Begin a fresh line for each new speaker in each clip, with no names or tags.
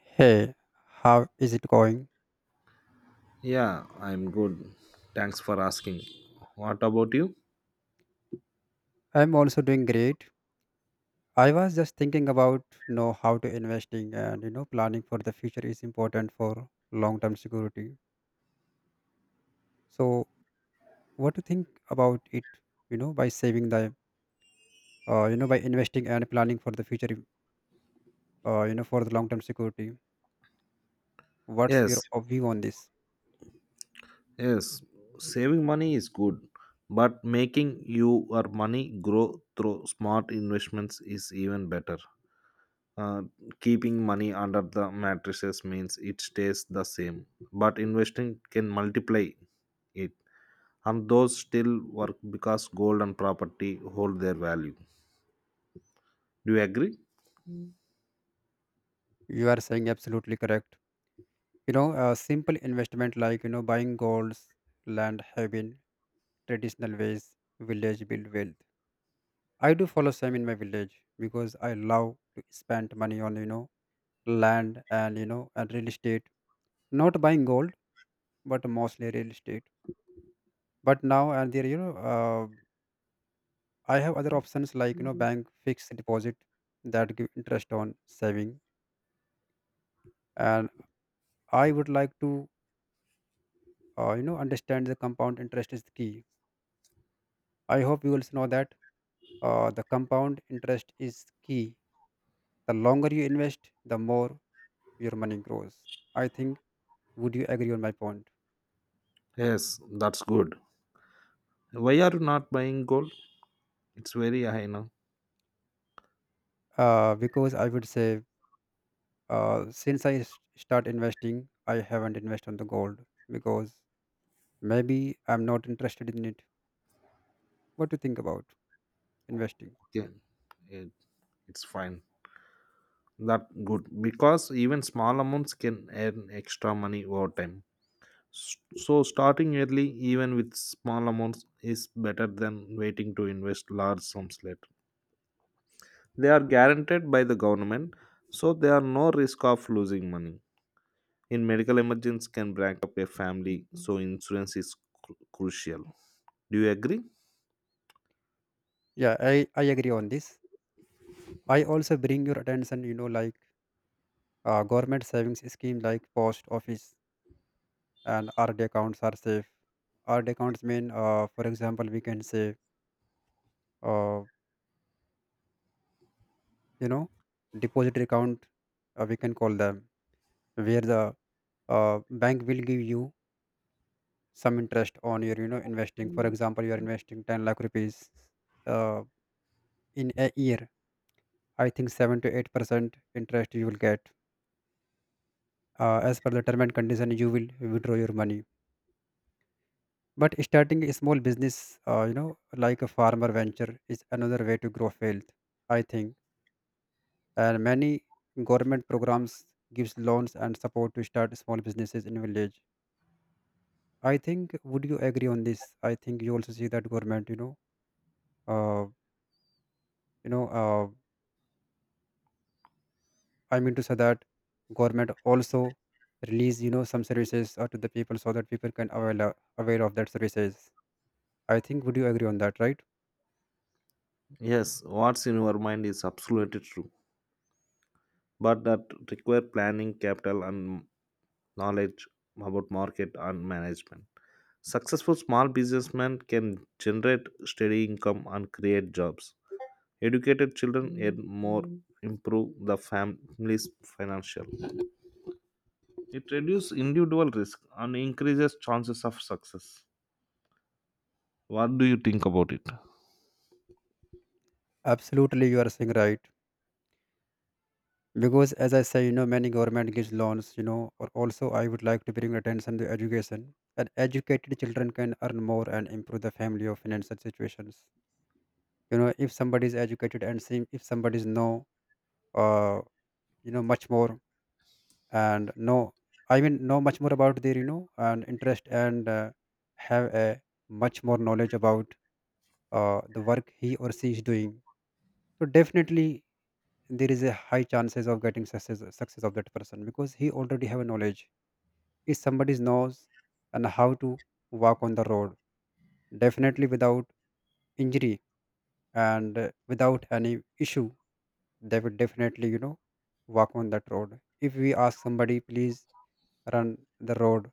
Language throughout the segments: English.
Hey, how is it going?
Yeah, I'm good. Thanks for asking. What about you?
I'm also doing great. I was just thinking about know how to investing and planning for the future is important for long-term security. So, what do you think about it? By saving the by investing and planning for the future, for the long-term security. What's
Yes,
your view on this?
yes. Saving money is good, but making your money grow through smart investments is even better. Uh, Keeping money under the mattresses means it stays the same, but investing can multiply it, and those still work because gold and property hold their value. Do you agree?
You are saying absolutely correct. A simple investment like buying golds, land, having traditional ways, village build wealth. I do follow Sam in my village because I love to spend money on land and you know and real estate. Not buying gold, but mostly real estate. But now and there, I have other options like bank fixed deposit that give interest on saving, and I would like to understand the compound interest is the key. I hope you also know that the compound interest is key. The longer you invest, the more your money grows. I think. Would you agree on my point?
Yes, that's good. Why are you not buying gold? It's very high now.
Because I would say since I start investing, I haven't invested on the gold because maybe I'm not interested in it. What do you think about investing?
Yeah, it, it's fine, that good, because even small amounts can earn extra money over time. S- so starting early even with small amounts is better than waiting to invest large sums later. They are guaranteed by the government, so there are no risk of losing money. In medical emergencies can break up a family, so insurance is crucial. Do you agree?
Yeah, I agree on this. I also bring your attention, like government savings scheme like post office and RD accounts are safe. RD accounts mean, for example, we can say, uh, you know, deposit account, we can call them, where the bank will give you some interest on your investing. For example, you are investing 10 lakh rupees uh, in a year. I think 7 to 8% interest you will get, as per the term and condition you will withdraw your money. But starting a small business, uh, you know like a farmer venture, is another way to grow wealth, I think. And many government programs gives loans and support to start small businesses in village, I think. Would you agree on this? I think you also see that government uh, you know, uh, I mean to say that government also release some services to the people so that people can avail aware of that services. I think, would you agree on that, right?
Yes, what's in your mind is absolutely true, but that require planning, capital, and knowledge about market and management. Successful small businessmen can generate steady income and create jobs. Educated children earn more, improve the family's financial. It reduces individual risk and increases chances of success. What do you think about it?
Absolutely, you are saying right. Because as I say, many government gives loans, or also I would like to bring attention to education. And educated children can earn more and improve the family or financial situations. If somebody is educated and seem if somebody is know, uh much more and know, I mean, know much more about their and interest and have a much more knowledge about the work he or she is doing, so definitely there is a high chances of getting success of that person because he already have a knowledge. If somebody knows and how to walk on the road, definitely without injury and without any issue, they will definitely walk on that road. If we ask somebody please run the road,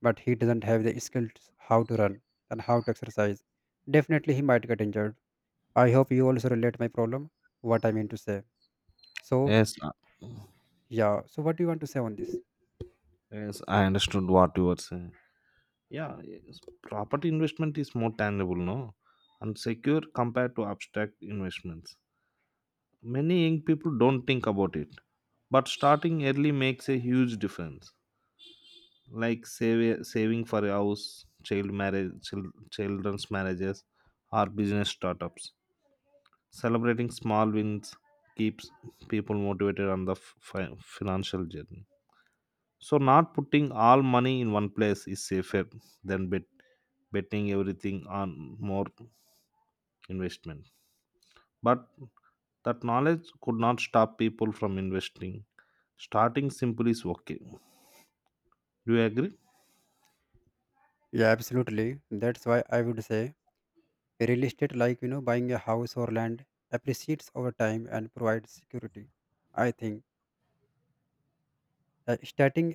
but he doesn't have the skills how to run and how to exercise. Definitely, he might get injured. I hope you also relate my problem, what I mean to say. So,
Yes, uh,
yeah, so what do you want to say on this?
yes, I understood what you were saying. Yeah, yes, property investment is more tangible, no, and secure compared to abstract investments. Many young people don't think about it, but starting early makes a huge difference. Like saving for a house, child marriage, children's marriages, or business startups. Celebrating small wins keeps people motivated on the financial journey. So, not putting all money in one place is safer than betting everything on more investment. But that knowledge could not stop people from investing. Starting simple is okay. Do you agree?
Yeah, absolutely. That's why I would say real estate, like buying a house or land, appreciates over time and provides security. I think starting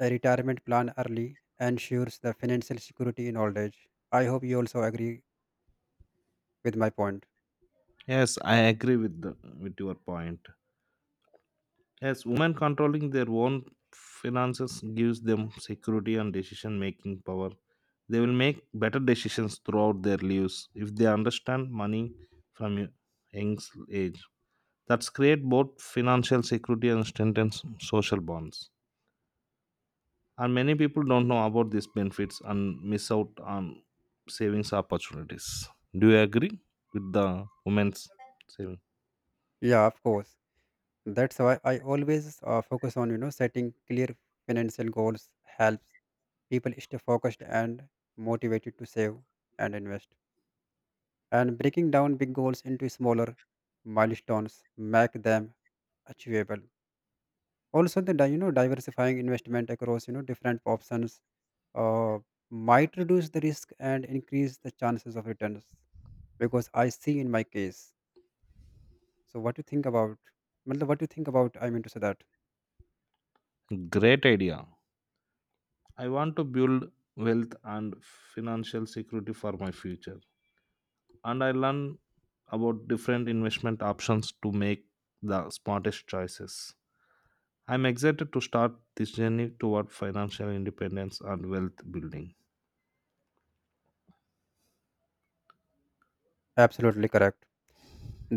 a retirement plan early ensures the financial security in old age. I hope you also agree with my point.
Yes, I agree with the with your point. Yes, women controlling their own finances gives them security and decision making power. They will make better decisions throughout their lives if they understand money from a young age. That's create both financial security and strengthens social bonds. And many people don't know about these benefits and miss out on savings opportunities. Do you agree with the women's saving?
Yeah, of course. That's why I always focus on setting clear financial goals helps people stay focused and motivated to save and invest, and breaking down big goals into smaller milestones make them achievable. Also the diversifying investment across different options uh, might reduce the risk and increase the chances of returns, because I see in my case. So what do you think about मतलब what do you think about, I mean to say that.
Great idea. I want to build wealth and financial security for my future. And I learn about different investment options to make the smartest choices. I'm excited to start this journey toward financial independence and wealth building.
Absolutely correct.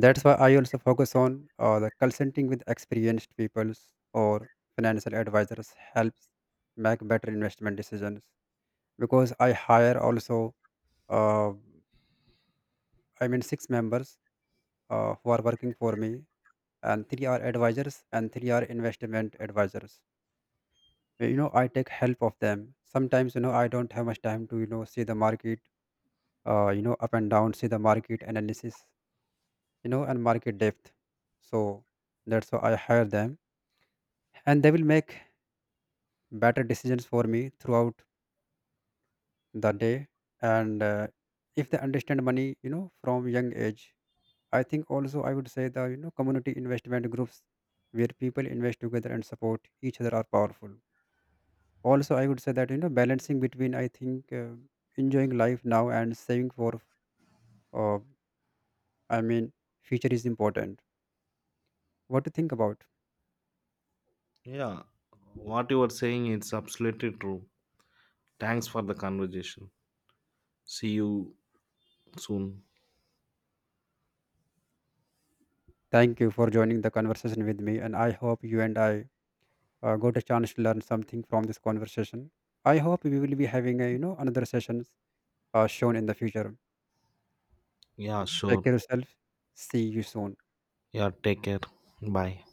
That's why I also focus on the consulting with experienced peoples or financial advisors helps make better investment decisions. Because I hire also, uh, I mean, six members who are working for me, and three are advisors and three are investment advisors. You know I take help of them. Sometimes I don't have much time to see the market up and down, see the market analysis, and market depth. So that's why I hire them, and they will make better decisions for me throughout the day. And if they understand money from young age, I think also I would say the community investment groups where people invest together and support each other are powerful. Also I would say that balancing between, I think, enjoying life now and saving for, uh, I mean, future is important. What do you think about?
Yeah, what you are saying is absolutely true. Thanks for the conversation. See you soon.
Thank you for joining the conversation with me, and I hope you and I got a chance to learn something from this conversation. I hope we will be having a another sessions shown in the future.
Yeah, sure.
Take care yourself. See you soon.
Yeah, take care. Bye.